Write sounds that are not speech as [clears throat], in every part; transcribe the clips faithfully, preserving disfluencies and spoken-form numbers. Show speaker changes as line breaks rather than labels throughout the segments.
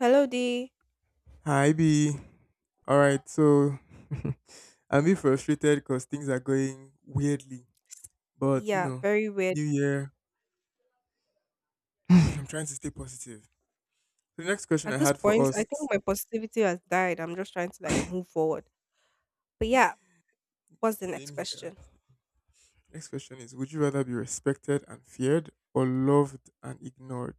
Hello, D.
Hi B. All right, so [laughs] I'm a bit frustrated because things are going weirdly, but you
Yeah,
know,
very weird.
new year. [laughs] [sighs] I'm trying to stay positive. So, the next question
At
I
this
had for
point, I think
us,
my positivity has died. I'm just trying to like move forward. But yeah, what's the next
same here.
question?
Next question is: would you rather be respected and feared, or loved and ignored?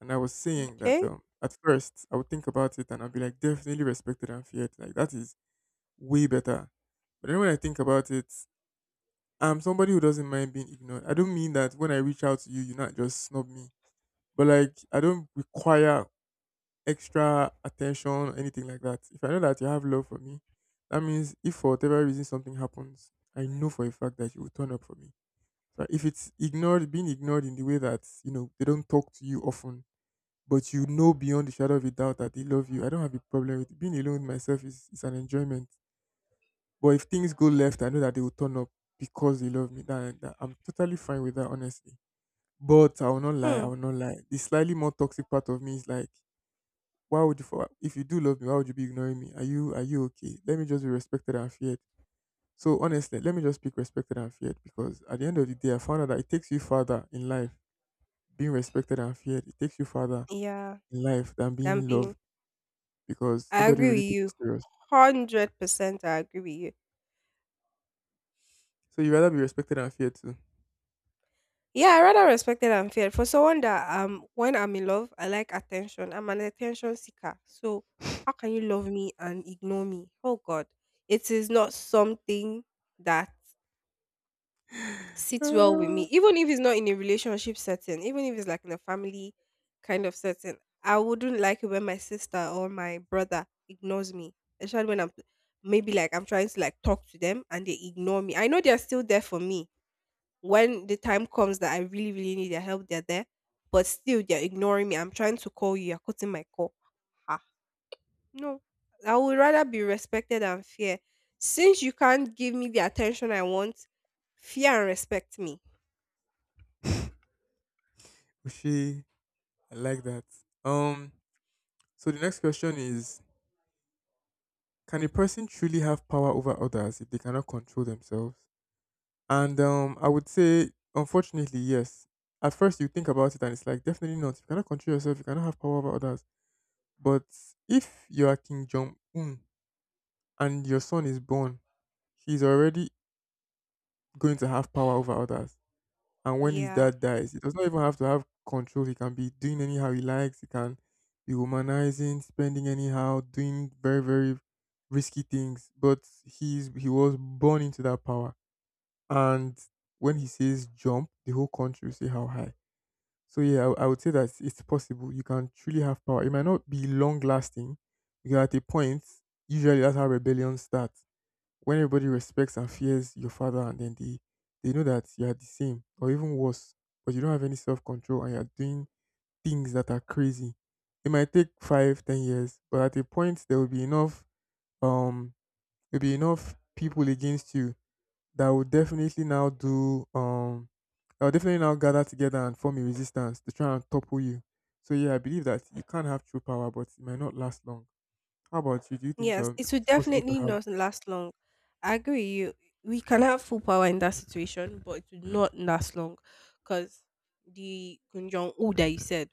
And I was saying that
Okay.
um, at first I would think about it and I'd be like, definitely respected and feared. Like that is way better. But then when I think about it, I'm somebody who doesn't mind being ignored. I don't mean that when I reach out to you, you not just snub me. But like, I don't require extra attention or anything like that. If I know that you have love for me, that means if for whatever reason something happens, I know for a fact that you will turn up for me. So if it's ignored, being ignored in the way that you know they don't talk to you often, but you know beyond the shadow of a doubt that they love you, I don't have a problem with it. Being alone with myself is is an enjoyment. But if things go left, I know that they will turn up because they love me. That, that I'm totally fine with that, honestly. But I will not lie.
Hmm.
I will not lie. The slightly more toxic part of me is like, why would you? For, if you do love me, why would you be ignoring me? Are you, are you okay? Let me just be respected and feared. So honestly, let me just speak respected and feared because at the end of the day, I found out that it takes you further in life being respected and feared. It takes you further
Yeah,
in life than being
Dambin.
loved because
I
nobody
agree with
really takes
you.
you serious.
one hundred percent I agree with you.
So you rather be respected and feared too.
Yeah, I rather respected and feared. For someone that um when I'm in love, I like attention. I'm an attention seeker. So how can you love me and ignore me? Oh God. It is not something that sits well with me, even if it's not in a relationship setting, even if it's like in a family kind of setting. I wouldn't like it when my sister or my brother ignores me, especially when I'm maybe like I'm trying to like talk to them, and they ignore me. I know they're still there for me. When the time comes that I really really need their help, they're there. But still they're ignoring me. I'm trying to call you, you're cutting my call. Ah, no, I would rather be respected than fear. Since you can't give me the attention I want, fear and respect me.
Uh, I like that. Um, so the next question is: can a person truly have power over others if they cannot control themselves? And um, I would say, unfortunately, yes. At first, you think about it and it's like, definitely not. You cannot control yourself, you cannot have power over others. But if you are King Jong Un and your son is born, he's already going to have power over others. And when his
Yeah.
dad dies, he does not even have to have control. He can be doing anyhow he likes. He can be womanizing, spending anyhow, doing very, very risky things. But he's he was born into that power. And when he says jump, the whole country will say how high. So yeah, I, I would say that it's possible. You can truly have power. It might not be long lasting because at a point, usually that's how rebellions start when everybody respects and fears your father and then they they know that you are the same or even worse, but you don't have any self control and you're doing things that are crazy. It might take five, ten years, but at a point there will be enough um there'll be enough people against you that will definitely now do um that will definitely now gather together and form a resistance to try and topple you. So yeah, I believe that you can have true power, but it might not last long. How about you? Do you think
Yes,
um,
it will
it's possible to
definitely
have?
not last long. I agree with you. We can have full power in that situation, but it will not last long because the Kim Jong Un that you said,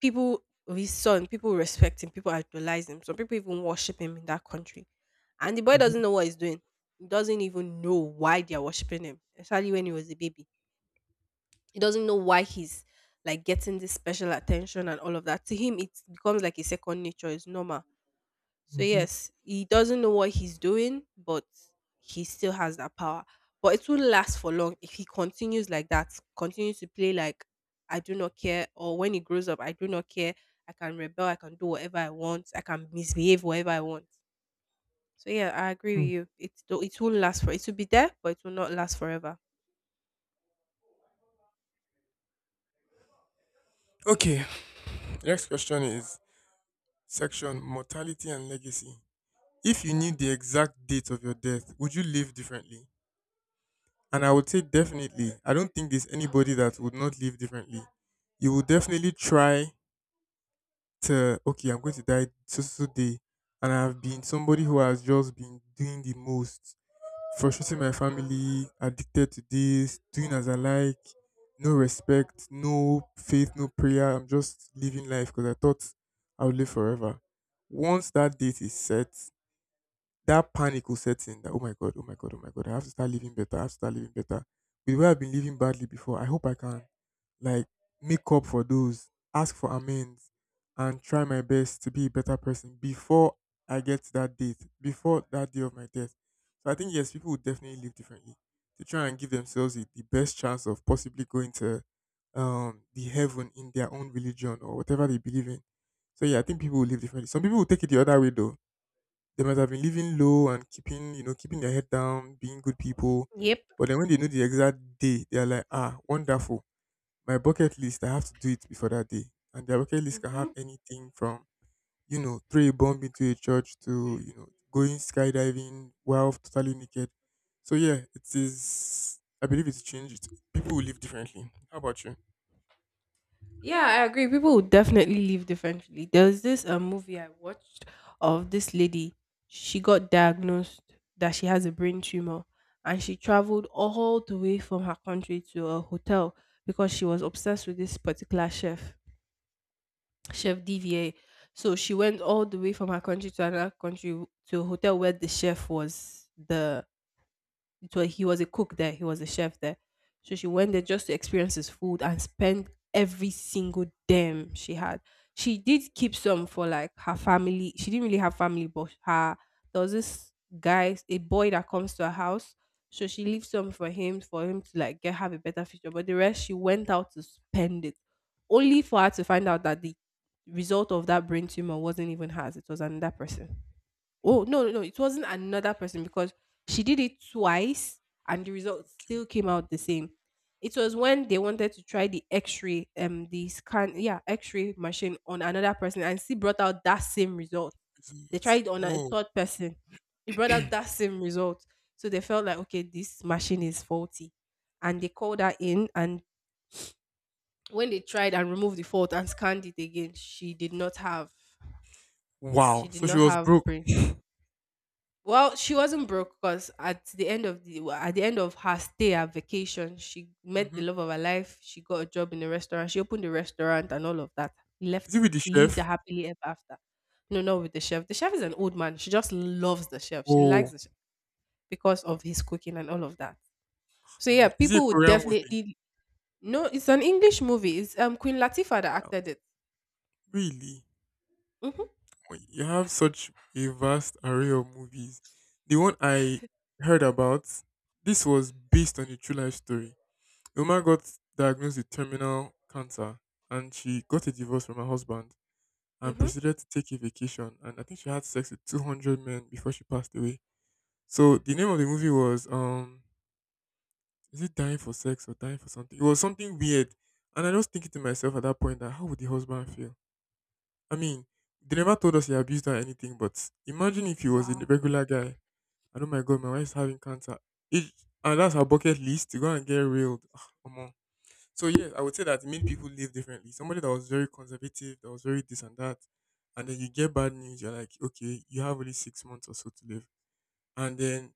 people, his son, people respect him, people idolize him. Some people even worship him in that country. And the boy
Mhm.
doesn't know what he's doing. He doesn't even know why they're worshiping him, especially when he was a baby. He doesn't know why he's like getting this special attention and all of that. To him, it becomes like a second nature. It's normal. So
Mhm.
yes, he doesn't know what he's doing, but he still has that power. But it won't last for long if he continues like that, continues to play like I do not care, or when he grows up, I do not care. I can rebel, I can do whatever I want, I can misbehave whatever I want. So yeah, I agree with
Mm.
you. It do- it won't last for, it will be there, but it will not last forever.
Okay, the next question is section mortality and legacy. If you knew the exact date of your death, would you live differently? And I would say definitely. I don't think there's anybody that would not live differently. You will definitely try to, okay, I'm going to die so so so day, and I've been somebody who has just been doing the most, frustrating my family, addicted to this, doing as I like, no respect, no faith, no prayer. I'm just living life because I thought I would live forever. Once that date is set, that panic will set in that, oh my God, oh my God, oh my God, I have to start living better, I have to start living better. With where I've been living badly before, I hope I can like make up for those, ask for amends, and try my best to be a better person before I get to that date, before that day of my death. So I think yes, people would definitely live differently to try and give themselves the, the best chance of possibly going to um the heaven in their own religion or whatever they believe in. So yeah, I think people will live differently. Some people will take it the other way though. They might have been living low and keeping, you know, keeping their head down, being good people.
Yep.
But then when they know the exact day, they are like, ah, wonderful. My bucket list, I have to do it before that day. And their bucket list can have
Mhm.
anything from, you know, throw a bomb into a church to, you know, going skydiving while totally naked. So yeah, it is, I believe it's changed. People will live differently. How about you?
Yeah, I agree. People would definitely live differently. There's this a movie I watched of this lady. She got diagnosed that she has a brain tumor, and she traveled all the way from her country to a hotel because she was obsessed with this particular chef, Chef D V A. So she went all the way from her country to another country to a hotel where the chef was the, it was, he was a cook there, he was a chef there. So she went there
Okay.
just to experience his food and spend every single damn she had. She did keep some for like her family. She didn't really have family, but her, there was this guy, a boy that comes to her house. So she leaves some for him, for him to like get have a better future. But the rest she went out to spend it. Only for her to find out that the result of that brain tumor wasn't even hers, it was another person. Oh, no, no, no. It wasn't another person because she did it twice and the result still came out the same. It was when they wanted to try the x-ray, um, the scan, yeah, x-ray machine on another person and she brought out that same result. They
Visits.
tried on a
Oh,
third person. It brought out that same result. So they felt like, okay, this machine is faulty. And they called her in, and when they tried and removed the fault and scanned it again, she did not have, she
wow.
did
So she
not
was
have
broke.
brain. Well, she wasn't broke because at the end of the, well, at the end of her stay at vacation, she met the
Hmm.
love of her life. She got a job in a restaurant. She opened a restaurant and all of that. Left
Is it with the
lived a
chef?
happily ever after. No, not with the chef. The chef is an old man. She just loves the chef. She likes
Oh,
the chef because of his cooking and all of that. So yeah,
oh, is it a
people would
Korean movie?
definitely. No, it's an English movie. It's um Queen Latifah that
Wow.
acted it.
Really?
Mm-hmm.
Oh, you have such a vast array of movies. The one I heard about, this was based on a true life story. A woman got diagnosed with terminal cancer and she got a divorce from her husband and
Mm-hmm.
proceeded to take a vacation. And I think she had sex with two hundred men before she passed away. So the name of the movie was um is it dying for sex or dying for something? It was something weird. And I was thinking to myself at that point that how would the husband feel? I mean, they never told us he abused her or anything, but imagine if he was
Wow.
a regular guy and oh my god, my wife's having cancer. It, and that's her bucket list to go and get railed. Ah, omo. So yes, I would say that many people live differently. Somebody that was very conservative, that was very this and that, and then you get bad news, you're like, okay, you have only six months or so to live. And then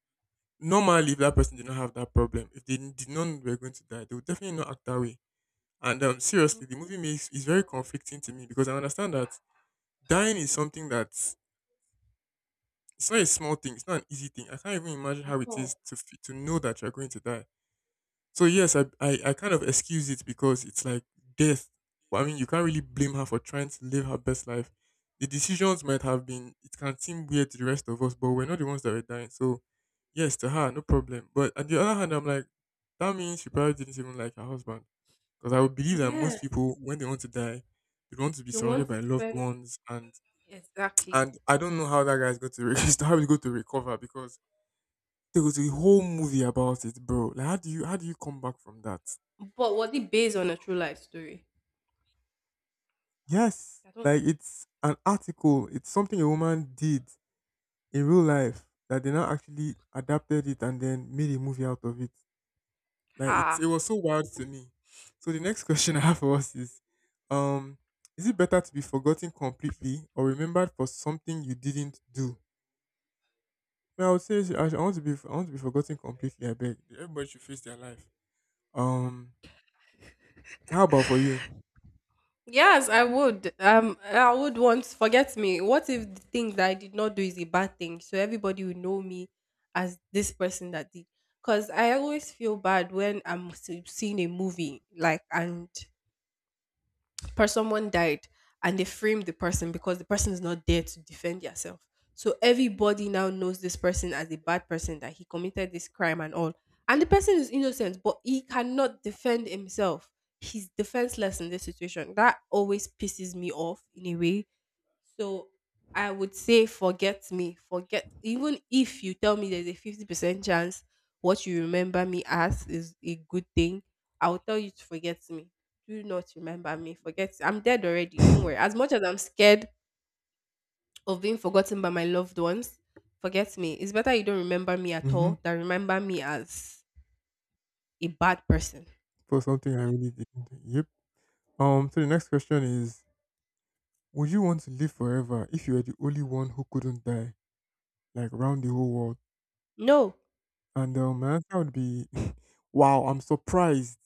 normally if that person did not have that problem, if they did not know they were going to die, they would definitely not act that way. And um, seriously, the movie makes is very conflicting to me because I understand that dying is something that it's not a small thing, it's not an easy thing. I can't even imagine
At
how it is
all.
to f- to know that you're going to die. So yes, I, I I kind of excuse it because it's like death. Well, I mean, you can't really blame her for trying to live her best life. The decisions might have been, it can seem weird to the rest of us, but we're not the ones that were dying. So yes, to her, no problem. But on the other hand, I'm like, that means she probably didn't even like her husband. Because I would believe that most
Yes.
people, when they want to die, they want to be
They want
surrounded
to
by loved
spend
ones. And
exactly.
and I don't know how that guy's going to re- [laughs] how he's going to recover because there was a whole movie about it, bro. Like how do you, how do you come back from that?
But was it based on a true life story?
Yes,
I don't.
like it's an article. It's something a woman did in real life that they now actually adapted it and then made a movie out of it. Like it,
Ah.
it was so wild to me. So the next [laughs] question I have for us is, um, is it better to be forgotten completely or remembered for something you didn't do? Well, I would say I, I want to be I want to be forgotten completely. I beg, everybody should face their life. Um, how about for you?
Yes, I would. Um, I would want. Forget me. What if the thing that I did not do is a bad thing? So everybody will know me as this person that did. Cause I always feel bad when I'm s- seeing a movie like, and per someone died and they framed the person because the person is not there to defend yourself. So everybody now knows this person as a bad person that he committed this crime and all. And the person is innocent, but he cannot defend himself. He's defenseless in this situation. That always pisses me off in a way, so I would say forget me. Forget, even if you tell me there's a fifty percent chance what you remember me as is a good thing, I will tell you to forget me. Do not remember me. Forget, I'm dead already. Don't worry. As
[laughs]
much as I'm scared of being forgotten by my loved ones, forget me. It's better you don't remember me at
Mm-hmm.
all than remember me as a bad person.
For something I really didn't do. Yep. Um, so the next question is, would you want to live forever if you were the only one who couldn't die, like round the whole world?
No.
And um, my answer would be, [laughs] wow, I'm surprised.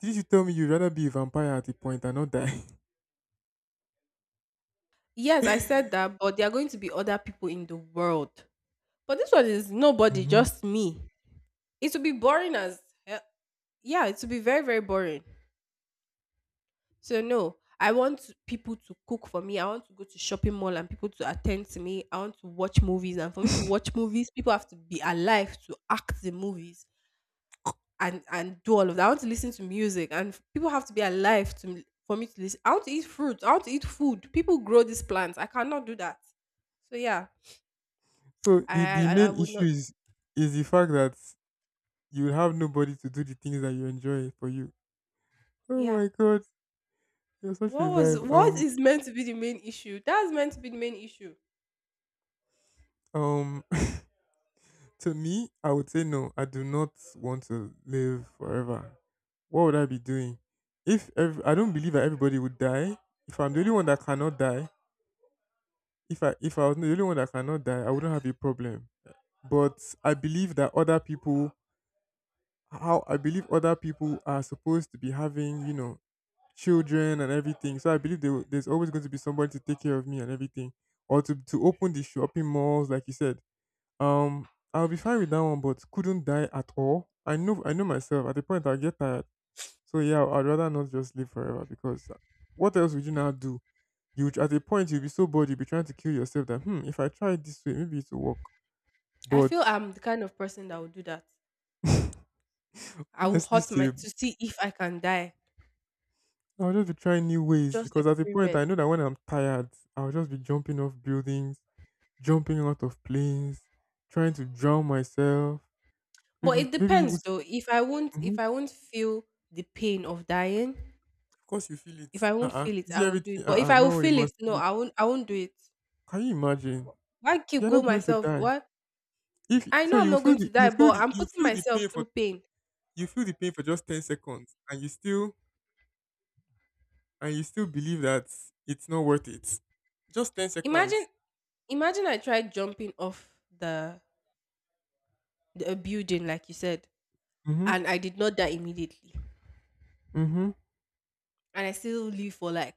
Did you tell me you'd rather be a vampire at a point and not die?
Yes, I said
[laughs]
that, but there are going to be other people in the world. But this one is nobody,
Hmm.
just me. It would be boring as hell. Yeah, it would be very very boring. So no, I want people to cook for me. I want to go to shopping mall and people to attend to me. I want to watch movies, and for me to watch movies people have to be alive to act the movies. And and do all of that. I want to listen to music, and people have to be alive to for me to listen. I want to eat fruit. I want to eat food. People grow these plants. I cannot do that. So yeah,
So
i,
the, the
I I
main
would
issue
not.
is is the fact that you will have nobody to do the things that you enjoy for you. Oh
Yeah,
my god, you're such a
what was
vibe.
what
Um
is meant to be the main issue, that's meant to be the main issue.
um [laughs] to me, I would say no. I do not want to live forever. What would I be doing? If ev- I don't believe that everybody would die. If I'm the only one that cannot die, if I if I was the only one that cannot die, I wouldn't have a problem. But I believe that other people, how I believe other people are supposed to be having, you know, children and everything. So I believe there, will- there's always going to be somebody to take care of me and everything, or to to open the shopping malls, like you said. Um, I'll be fine with that one, but couldn't die at all. I know, I know myself. At the point I get tired, so yeah, I'd rather not just live forever because uh, what else would you now do? You would- at a point you'll be so bored, you'll be trying to kill yourself that hmm, if I try it this way, maybe it will work.
I
But
feel I'm the kind of person that will do that.
[laughs]
I will
honestly,
hurt my
Steve,
to see if I can die.
I'll just be trying new ways
Just
because at a point
experiment.
I know that when I'm tired, I'll just be jumping off buildings, jumping out of planes, trying to drown myself,
But
maybe,
it
maybe even.
depends though. If I won't if I won't feel the pain of dying,
Of course you feel it.
if I won't
Uh-uh.
feel it,
Is
I
it
will do
everything?
it. But if
Uh-uh.
I will
No, you
feel it,
must
no,
feel it.
I won't I won't do it.
Can you imagine?
Why keep
You're
go
not going to
myself?
die.
What,
If
I
so,
know I'm
you
not going
feel
to
the
die,
you feel
but
the
I'm
you
putting
feel the
myself
pain for
through pain.
you feel the pain for just ten seconds, and you still and you still believe that it's not worth it. Just ten
Imagine
seconds.
imagine I tried jumping off the, the a building like you said,
Mhm.
and I did not die immediately.
Mhm.
And I still live for like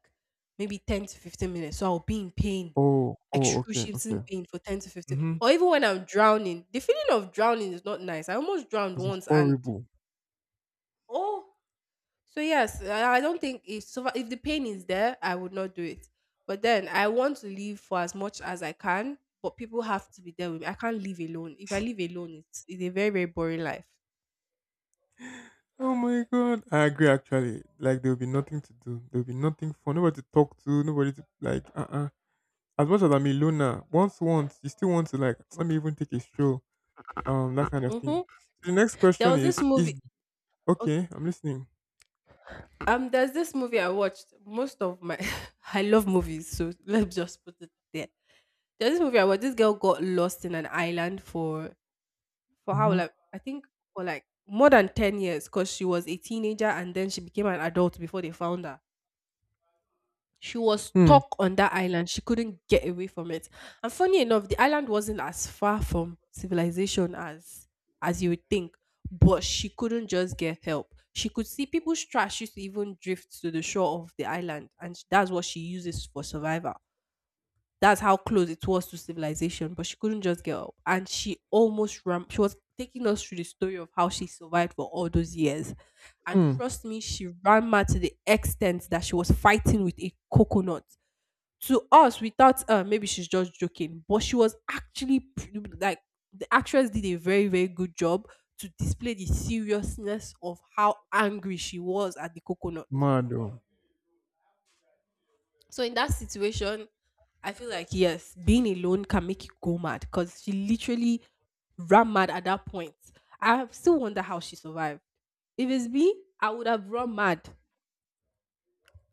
maybe ten to fifteen minutes. So I'll be in pain,
Oh. Oh. Okay. Okay.
excruciating pain for ten to fifteen.
Mhm.
Or even when I'm drowning, the feeling of drowning is not nice. I almost drowned
It's
once and
horrible.
oh, so yes, I I don't think, if, so if the pain is there, I would not do it. But then I want to live for as much as I can, but people have to be there with me. I can't live alone. If I live alone, it's, it's a very, very boring life.
Oh my god. I agree. Actually, like there will be nothing to do. There will be nothing for nobody to talk to. Nobody to like. Uh. Uh as much as I'm a loner, once once you still want to like let me even take a stroll, um, that kind of
hmm
thing. So the next
There
question
was this
is is
movie.
Okay, I'm listening.
Um, there's this movie I watched. Most of my [laughs] I love movies, so let's just put it there. There's this movie I watched. This girl got lost in an island for for how
Mm-hmm.
like I think for like more than ten years because she was a teenager and then she became an adult before they found her. She was
Hmm.
stuck on that island. She couldn't get away from it. And funny enough, the island wasn't as far from civilization as as you would think, but she couldn't just get help. She could see people's trash used to even drift to the shore of the island, and sh- that's what she uses for survival. That's how close it was to civilization, but she couldn't just get up. And she almost ran. She was taking us through the story of how she survived for all those years. And
Hmm.
trust me, she ran mad to the extent that she was fighting with a coconut. To us, we thought uh, maybe she's just joking, but she was actually p- like the actress did a very, very good job to display the seriousness of how angry she was at the coconut.
Mad. Oh.
So, in that situation, I feel like yes, being alone can make you go mad because she literally ran mad at that point. I still wonder how she survived. If it's me, I would have run mad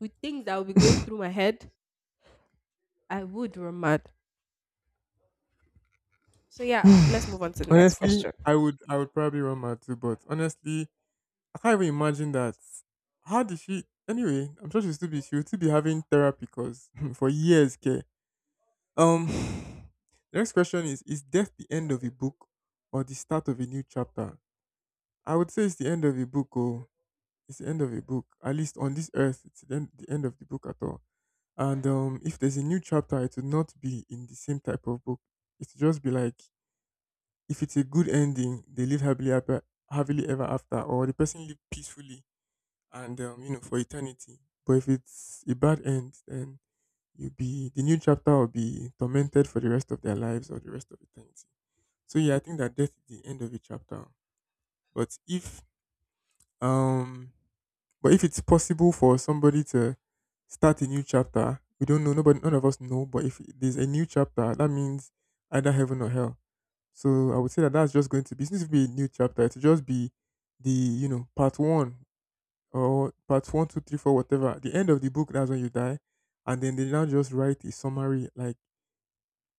with things that would be going through my head. I would run mad. So yeah, let's move on
[sighs]
to the next
Honestly,
question.
I would I would probably run mad too, but honestly, I can't even imagine that. How did she? Anyway, I'm sure she'll still be she'll still be having therapy because [laughs] for years, okay. Um, [sighs] the next question is: Is death the end of a book or the start of a new chapter? I would say it's the end of a book. Oh, it's the end of a book. At least on this earth, it's the end, the end of the book at all. And um, if there's a new chapter, it would not be in the same type of book. It would just be like, if it's a good ending, they live happily ever, happily ever after, or the person live peacefully and um, you know for eternity. But if it's a bad end, then you'll be the new chapter will be tormented for the rest of their lives or the rest of eternity. So yeah, I think that death is the end of a chapter. But if um But if it's possible for somebody to start a new chapter, we don't know. Nobody, none of us know. But if there's a new chapter, that means either heaven or hell. So I would say that that's just going to be. Since it to be a new chapter, it'll just be the you know part one, or part one, two, three, four, whatever. At the end of the book, that's when you die, and then they now just write a summary like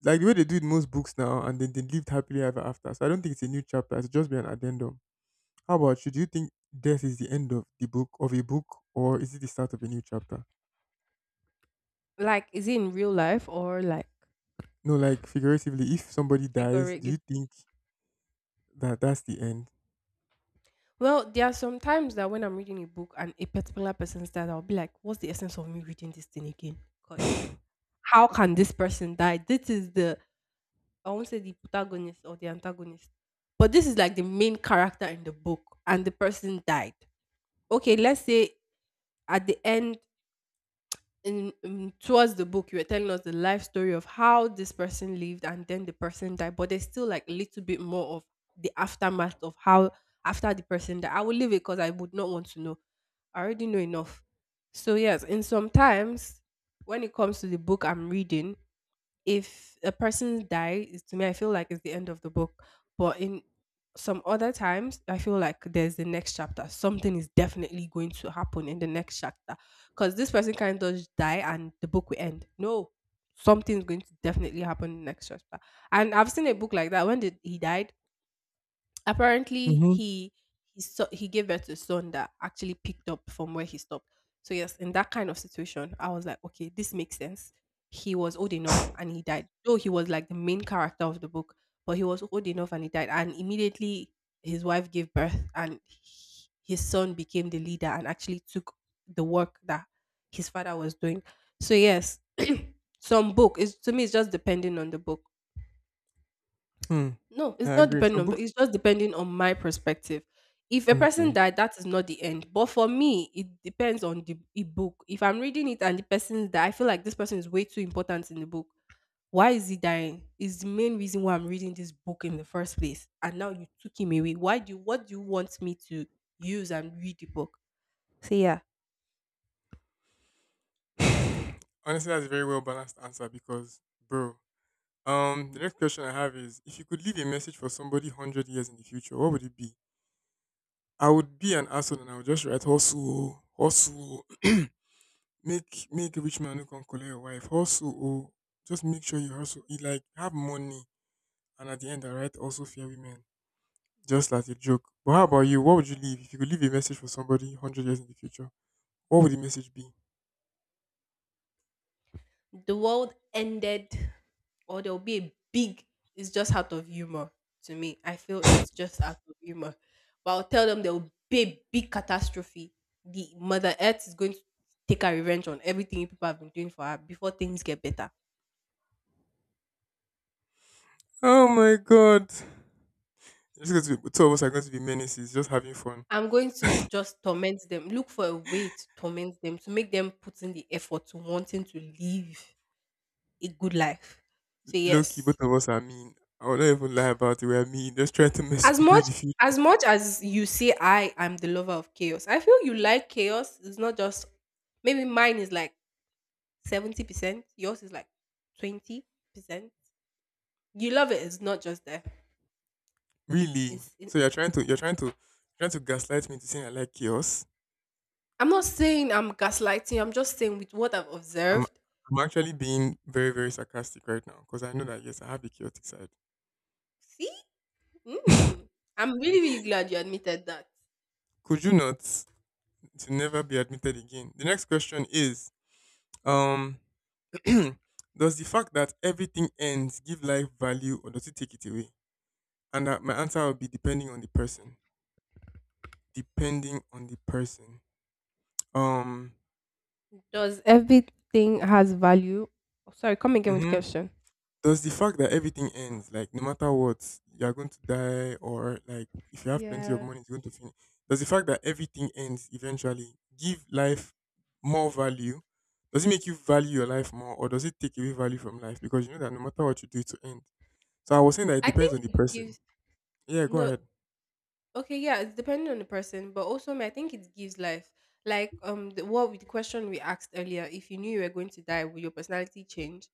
like the way they do in most books now, and then they lived happily ever after. So I don't think it's a new chapter. It's just be an addendum. How about you? Do you think death is the end of the book of a book, or is it the start of a new chapter?
Like, is it in real life or like
No, like figuratively, if somebody dies, do
figurative?
you think that that's the end?
Well, there are some times that when I'm reading a book and a particular person dies, I'll be like, what's the essence of me reading this thing again? Because how can this person die? This is the, I won't say the protagonist or the antagonist, but this is like the main character in the book and the person died. Okay, let's say at the end in, in towards the book you were telling us the life story of how this person lived, and then the person died, but there's still like a little bit more of the aftermath of how after the person died. I will leave it because I would not want to know. I already know enough. So yes, and sometimes when it comes to the book I'm reading, if a person dies, to me I feel like it's the end of the book. But in some other times I feel like there's the next chapter. Something is definitely going to happen in the next chapter, because this person can't just die and the book will end. No, something's going to definitely happen in the next chapter. And I've seen a book like that. When did he died, apparently
Mm-hmm.
he he so, he gave birth to a son that actually picked up from where he stopped. So yes, in that kind of situation, I was like, okay, this makes sense. He was old enough and he died. Though he was like the main character of the book, but he was old enough and he died. And immediately his wife gave birth and he- his son became the leader and actually took the work that his father was doing. So yes, [clears throat] some book is, to me it's just depending on the book.
Hmm.
No, it's
I
not
agree.
depending
Some
on,
books.
it's just depending on my perspective. If a person
Okay.
died, that is not the end. But for me, it depends on the e- book. If I'm reading it and the person died, I feel like this person is way too important in the book. Why is he dying? Is the main reason why I'm reading this book in the first place. And now you took him away. Why do you, what do you want me to use and read the book? So yeah,
[laughs] Honestly, that's a very well balanced answer because, bro. Um, the next question I have is: If you could leave a message for somebody hundred years in the future, what would it be? I would be an asshole and I would just write hustle, hustle. [clears throat] Make make rich man who can collect your wife. Hustle, oh, just make sure you hustle. You like have money, and at the end, I write also fear women. Just like a joke. But how about you? What would you leave if you could leave a message for somebody hundred years in the future? What would the message be?
the world ended, or there'll be a big, it's just out of humor. To me I feel it's just out of humor, but I'll tell them there'll be a big catastrophe. The mother earth is going to take her revenge on everything people have been doing for her before things get better.
Oh my god! It's just going to be, two of us are going to be menaces, just having fun.
I'm going to just torment them, look for a way to torment them to make them put in the effort to wanting to live a good life. So
Low key,
yes,
both of us are mean. I will not even lie about it. We are mean. Just trying to [laughs] mess with
as
people
much
in the future.
as much as you say I am the lover of chaos, I feel you like chaos. It's not just, maybe mine is like seventy percent, yours is like twenty percent. You love it. It's not just there.
Really?
It's in,
So you're trying to you're
yeah.
trying to trying to gaslight me to saying I like chaos?
I'm not saying I'm gaslighting. I'm just saying with what I've
I'm
observed.
I'm actually being very very sarcastic right now because I know that yes, I have a chaotic side.
See,
[laughs]
mm, I'm really really glad you admitted that.
Could you not to never be admitted again? The next question is um [clears throat] does the fact that everything ends give life value or does it take it away? And that my answer will be depending on the person. Depending on the person. Um
Does everything has value? Oh, sorry, come again with the
mhm.
question.
Does the fact that everything ends, like no matter what, you're going to die, or like if you have plenty of
Yeah,
money, it's going to finish. Does the fact that everything ends eventually give life more value? Does it make you value your life more, or does it take away value from life? Because you know that no matter what you do, it will end. So I was saying that it
I
depends
think
on the
it
person.
gives,
Yeah, go
no.
ahead.
Okay, yeah, it's depending on the person, but also me, I think it gives life. Like um, the, what we- the question we asked earlier: if you knew you were going to die, would your personality change?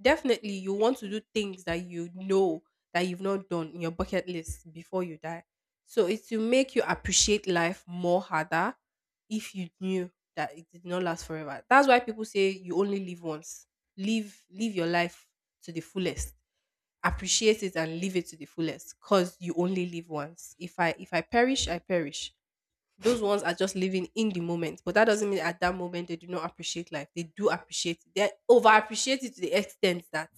Definitely, you want to do things that you know that you've not done in your bucket list before you die. So it will make you appreciate life more harder if you knew that it did not last forever. That's why people say you only live once. Live live your life to the fullest, appreciate it and live it to the fullest, because you only live once. If I, if i perish I perish. Those ones are just living in the moment, but that doesn't mean at that moment they do not appreciate life. They do appreciate it, they over appreciate it to the extent that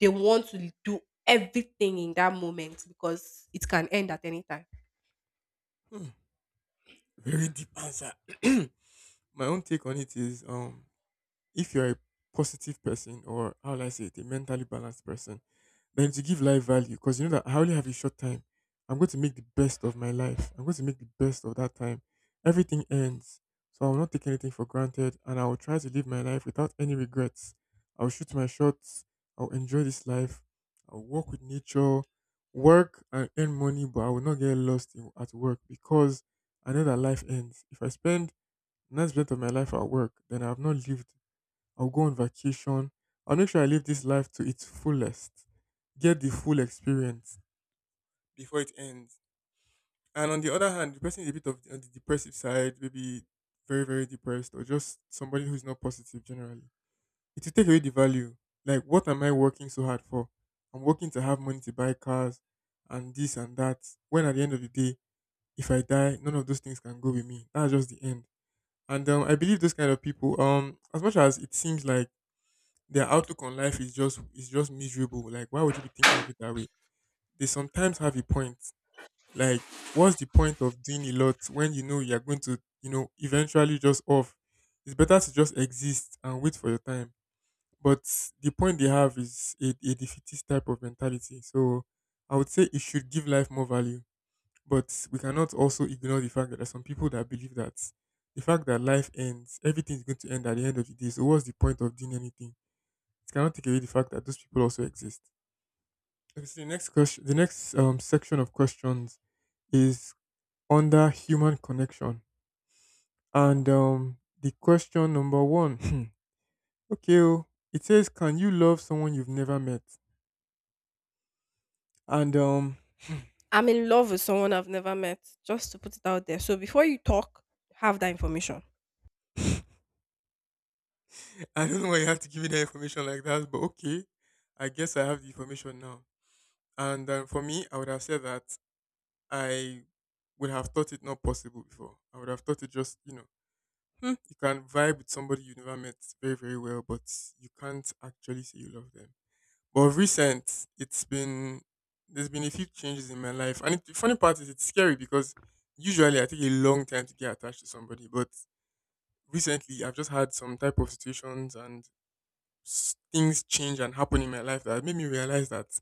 they want to do everything in that moment because it can end at any time.
Hmm. Very deep answer. [clears throat] My own take on it is, um, if you're a positive person, or how will I say it, a mentally balanced person, like to give life value because you know that I only have a short time. I'm going to make the best of my life. I'm going to make the best of that time. Everything ends. So I will not take anything for granted and I will try to live my life without any regrets. I'll shoot my shots. I'll enjoy this life. I'll work with nature, work and earn money, but I will not get lost in, at work because I know that life ends. If I spend ninety percent of my life at work, then I have not lived. I'll go on vacation. I'll make sure I live this life to its fullest. Get the full experience before it ends. And on the other hand, the person is a bit of on the depressive side, maybe very, very depressed, or just somebody who's not positive generally. It will take away the value. Like, what am I working so hard for? I'm working to have money to buy cars and this and that. When at the end of the day, if I die, none of those things can go with me. That's just the end. And um, I believe those kind of people, um, as much as it seems like their outlook on life is just is just miserable. Like, why would you be thinking of it that way? They sometimes have a point. Like, what's the point of doing a lot when you know you're going to, you know, eventually just off? It's better to just exist and wait for your time. But the point they have is a, a defeatist type of mentality. So I would say it should give life more value. But we cannot also ignore the fact that there are some people that believe that the fact that life ends, everything is going to end at the end of the day. So what's the point of doing anything? It cannot take away the fact that those people also exist. Okay, so the next question, the next um, section of questions is under human connection, and um, the question number one, [clears throat] okay, oh, it says, "Can you love someone you've never met?" And um,
I'm in love with someone I've never met, just to put it out there. So before you talk, have that information.
[laughs] I don't know why you have to give me the information like that, but okay, I guess I have the information now. And um, for me, I would have said that I would have thought it not possible before. I would have thought it just, you know, hmm, you can vibe with somebody you never met very, very well, but you can't actually say you love them. But of recent, it's been there's been a few changes in my life, and it, the funny part is it's scary because usually I take a long time to get attached to somebody, but recently I've just had some type of situations and s- things change and happen in my life that made me realize that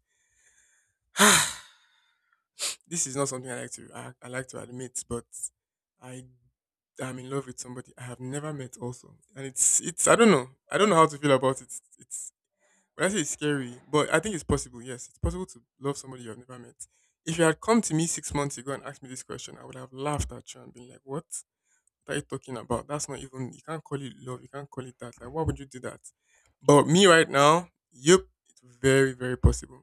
[sighs] this is not something I like to I, I like to admit, but I I'm in love with somebody I have never met also. And it's it's I don't know. I don't know how to feel about it. It's when I say it's scary, but I think it's possible, yes. It's possible to love somebody you have never met. If you had come to me six months ago and asked me this question, I would have laughed at you and been like, "What are you talking about? That's not even— you can't call it love, you can't call it that. Like why would you do that?" But me right now, yep, it's very, very possible.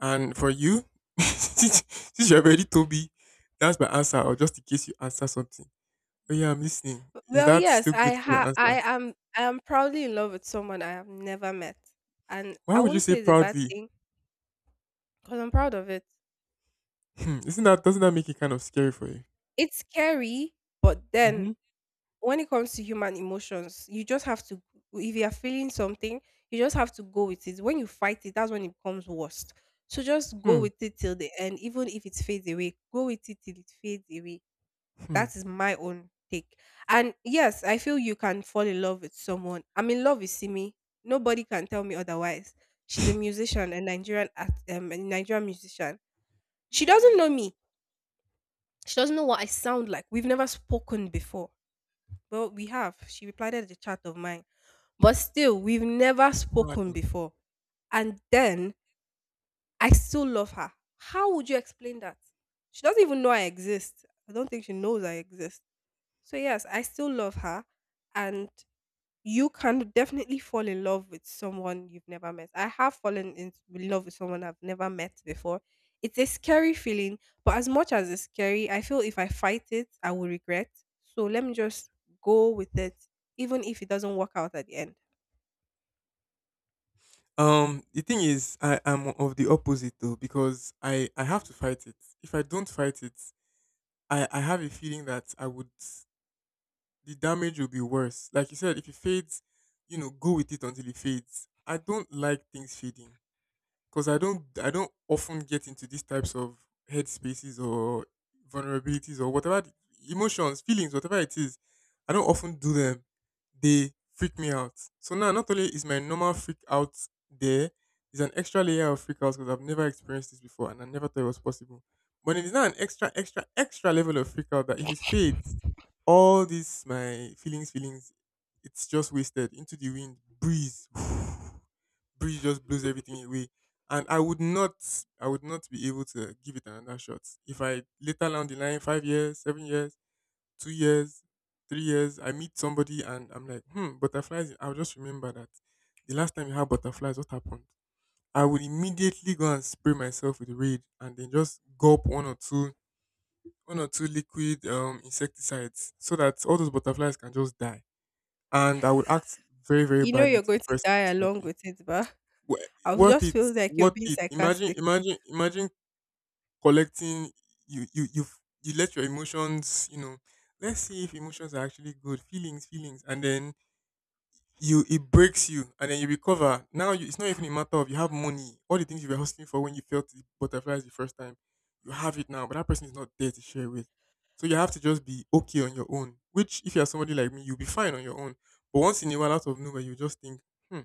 And for you, [laughs] since you have already told me that's my answer, or just in case you answer something— Oh yeah, I'm listening. Is
Well,
that
yes,
still
I
good to be your
ha I
answer?
am I am proudly in love with someone I have never met. And
Why
I
would you
wouldn't
say
say it's a bad
proudly?
thing because I'm proud of it.
Hmm. Isn't that— doesn't that make it kind of scary for you?
It's scary, but then
Mm-hmm.
when it comes to human emotions, you just have to, if you are feeling something, you just have to go with it. When you fight it, that's when it becomes worst. So just go
Hmm.
with it till the end, even if it fades away. Go with it till it fades away.
Hmm.
That is my own take. And yes, I feel you can fall in love with someone. I'm in love with Simi. Nobody can tell me otherwise. She's a musician, a Nigerian act, um, a Nigerian musician. She doesn't know me. She doesn't know what I sound like. We've never spoken before. Well, we have. She replied to the chat of mine. But still, we've never
No, I
spoken
don't.
before. And then I still love her. How would you explain that? She doesn't even know I exist. I don't think she knows I exist. So yes, I still love her, and you can definitely fall in love with someone you've never met. I have fallen in love with someone I've never met before. It's a scary feeling, but as much as it's scary, I feel if I fight it, I will regret. So let me just go with it, even if it doesn't work out at the end.
Um, the thing is, I am of the opposite though because I I have to fight it. If I don't fight it, I I have a feeling that I would— the damage will be worse. Like you said, if it fades, you know, go with it until it fades. I don't like things fading. Because I don't— I don't often get into these types of headspaces or vulnerabilities or whatever the— emotions, feelings, whatever it is. I don't often do them. They freak me out. So now, not only is my normal freak out there, there's an extra layer of freak out because I've never experienced this before and I never thought it was possible. But it is now an extra, extra, extra level of freak out that if it fades, all these my feelings, feelings, it's just wasted into the wind, breeze. [laughs] [sighs] Breeze just blows everything away. And I would not, I would not be able to give it another shot. If I later down the line, five years, seven years, two years, three years, I meet somebody and I'm like, hmm, butterflies. I'll just remember that the last time you had butterflies, what happened? I would immediately go and spray myself with Raid and then just gulp one or two, one or two liquid um, insecticides so that all those butterflies can just die. And I would act very, very
You know
badly
you're
to
going
the
to
person
die
most
along
likely.
with it, but
Wha—
I would
worth
just
it,
feel like you're
worth
being
it. Imagine,
sarcastic. [laughs]
imagine, imagine collecting. You, you, you, you let your emotions. You know, let's see if emotions are actually good. Feelings, feelings, and then you— it breaks you, and then you recover. Now you— it's not even a matter of you have money. All the things you were hustling for when you felt the butterflies the first time, you have it now. But that person is not there to share with. So you have to just be okay on your own. Which, if you are somebody like me, you'll be fine on your own. But once in a while, out of nowhere, you just think, hmm,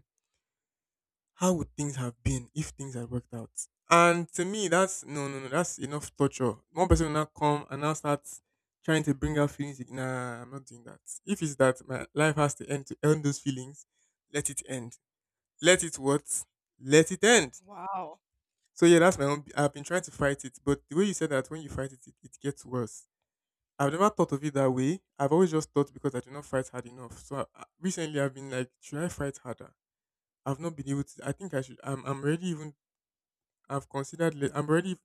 how would things have been if things had worked out? And to me, that's— no, no, no, that's enough torture. One person will now come and now start trying to bring out feelings. Like, nah, I'm not doing that. If it's that my life has to end to end those feelings, let it end. Let it what? Let it end.
Wow.
So yeah, that's my own. I've been trying to fight it, but the way you said that when you fight it, it, it gets worse. I've never thought of it that way. I've always just thought because I do not fight hard enough. So I, I- recently, I've been like, should I fight harder? I've not been able to. I think I should. I'm. I'm already even— I've considered. Let— I'm already.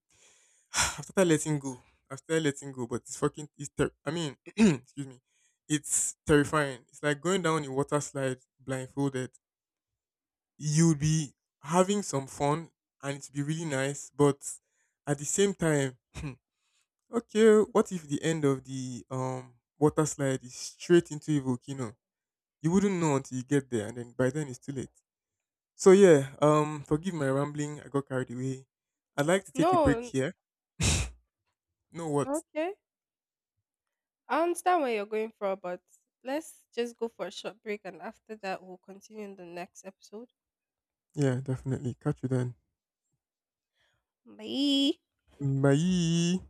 [sighs] I've started letting go. I've started letting go, but it's fucking— it's— ter— I mean, [clears throat] excuse me. It's terrifying. It's like going down a water slide blindfolded. You'll be having some fun, and it'll be really nice. But at the same time, hmm, okay, what if the end of the um water slide is straight into a volcano? You wouldn't know until you get there, and then by then it's too late. So yeah, um, forgive my rambling. I got carried away. I'd like to take a
No,
break
n-
here. You know what?
okay. I understand where you're going from, but let's just go for a short break and after that we'll continue in the next episode.
Yeah, definitely. Catch you then.
Bye.
Bye.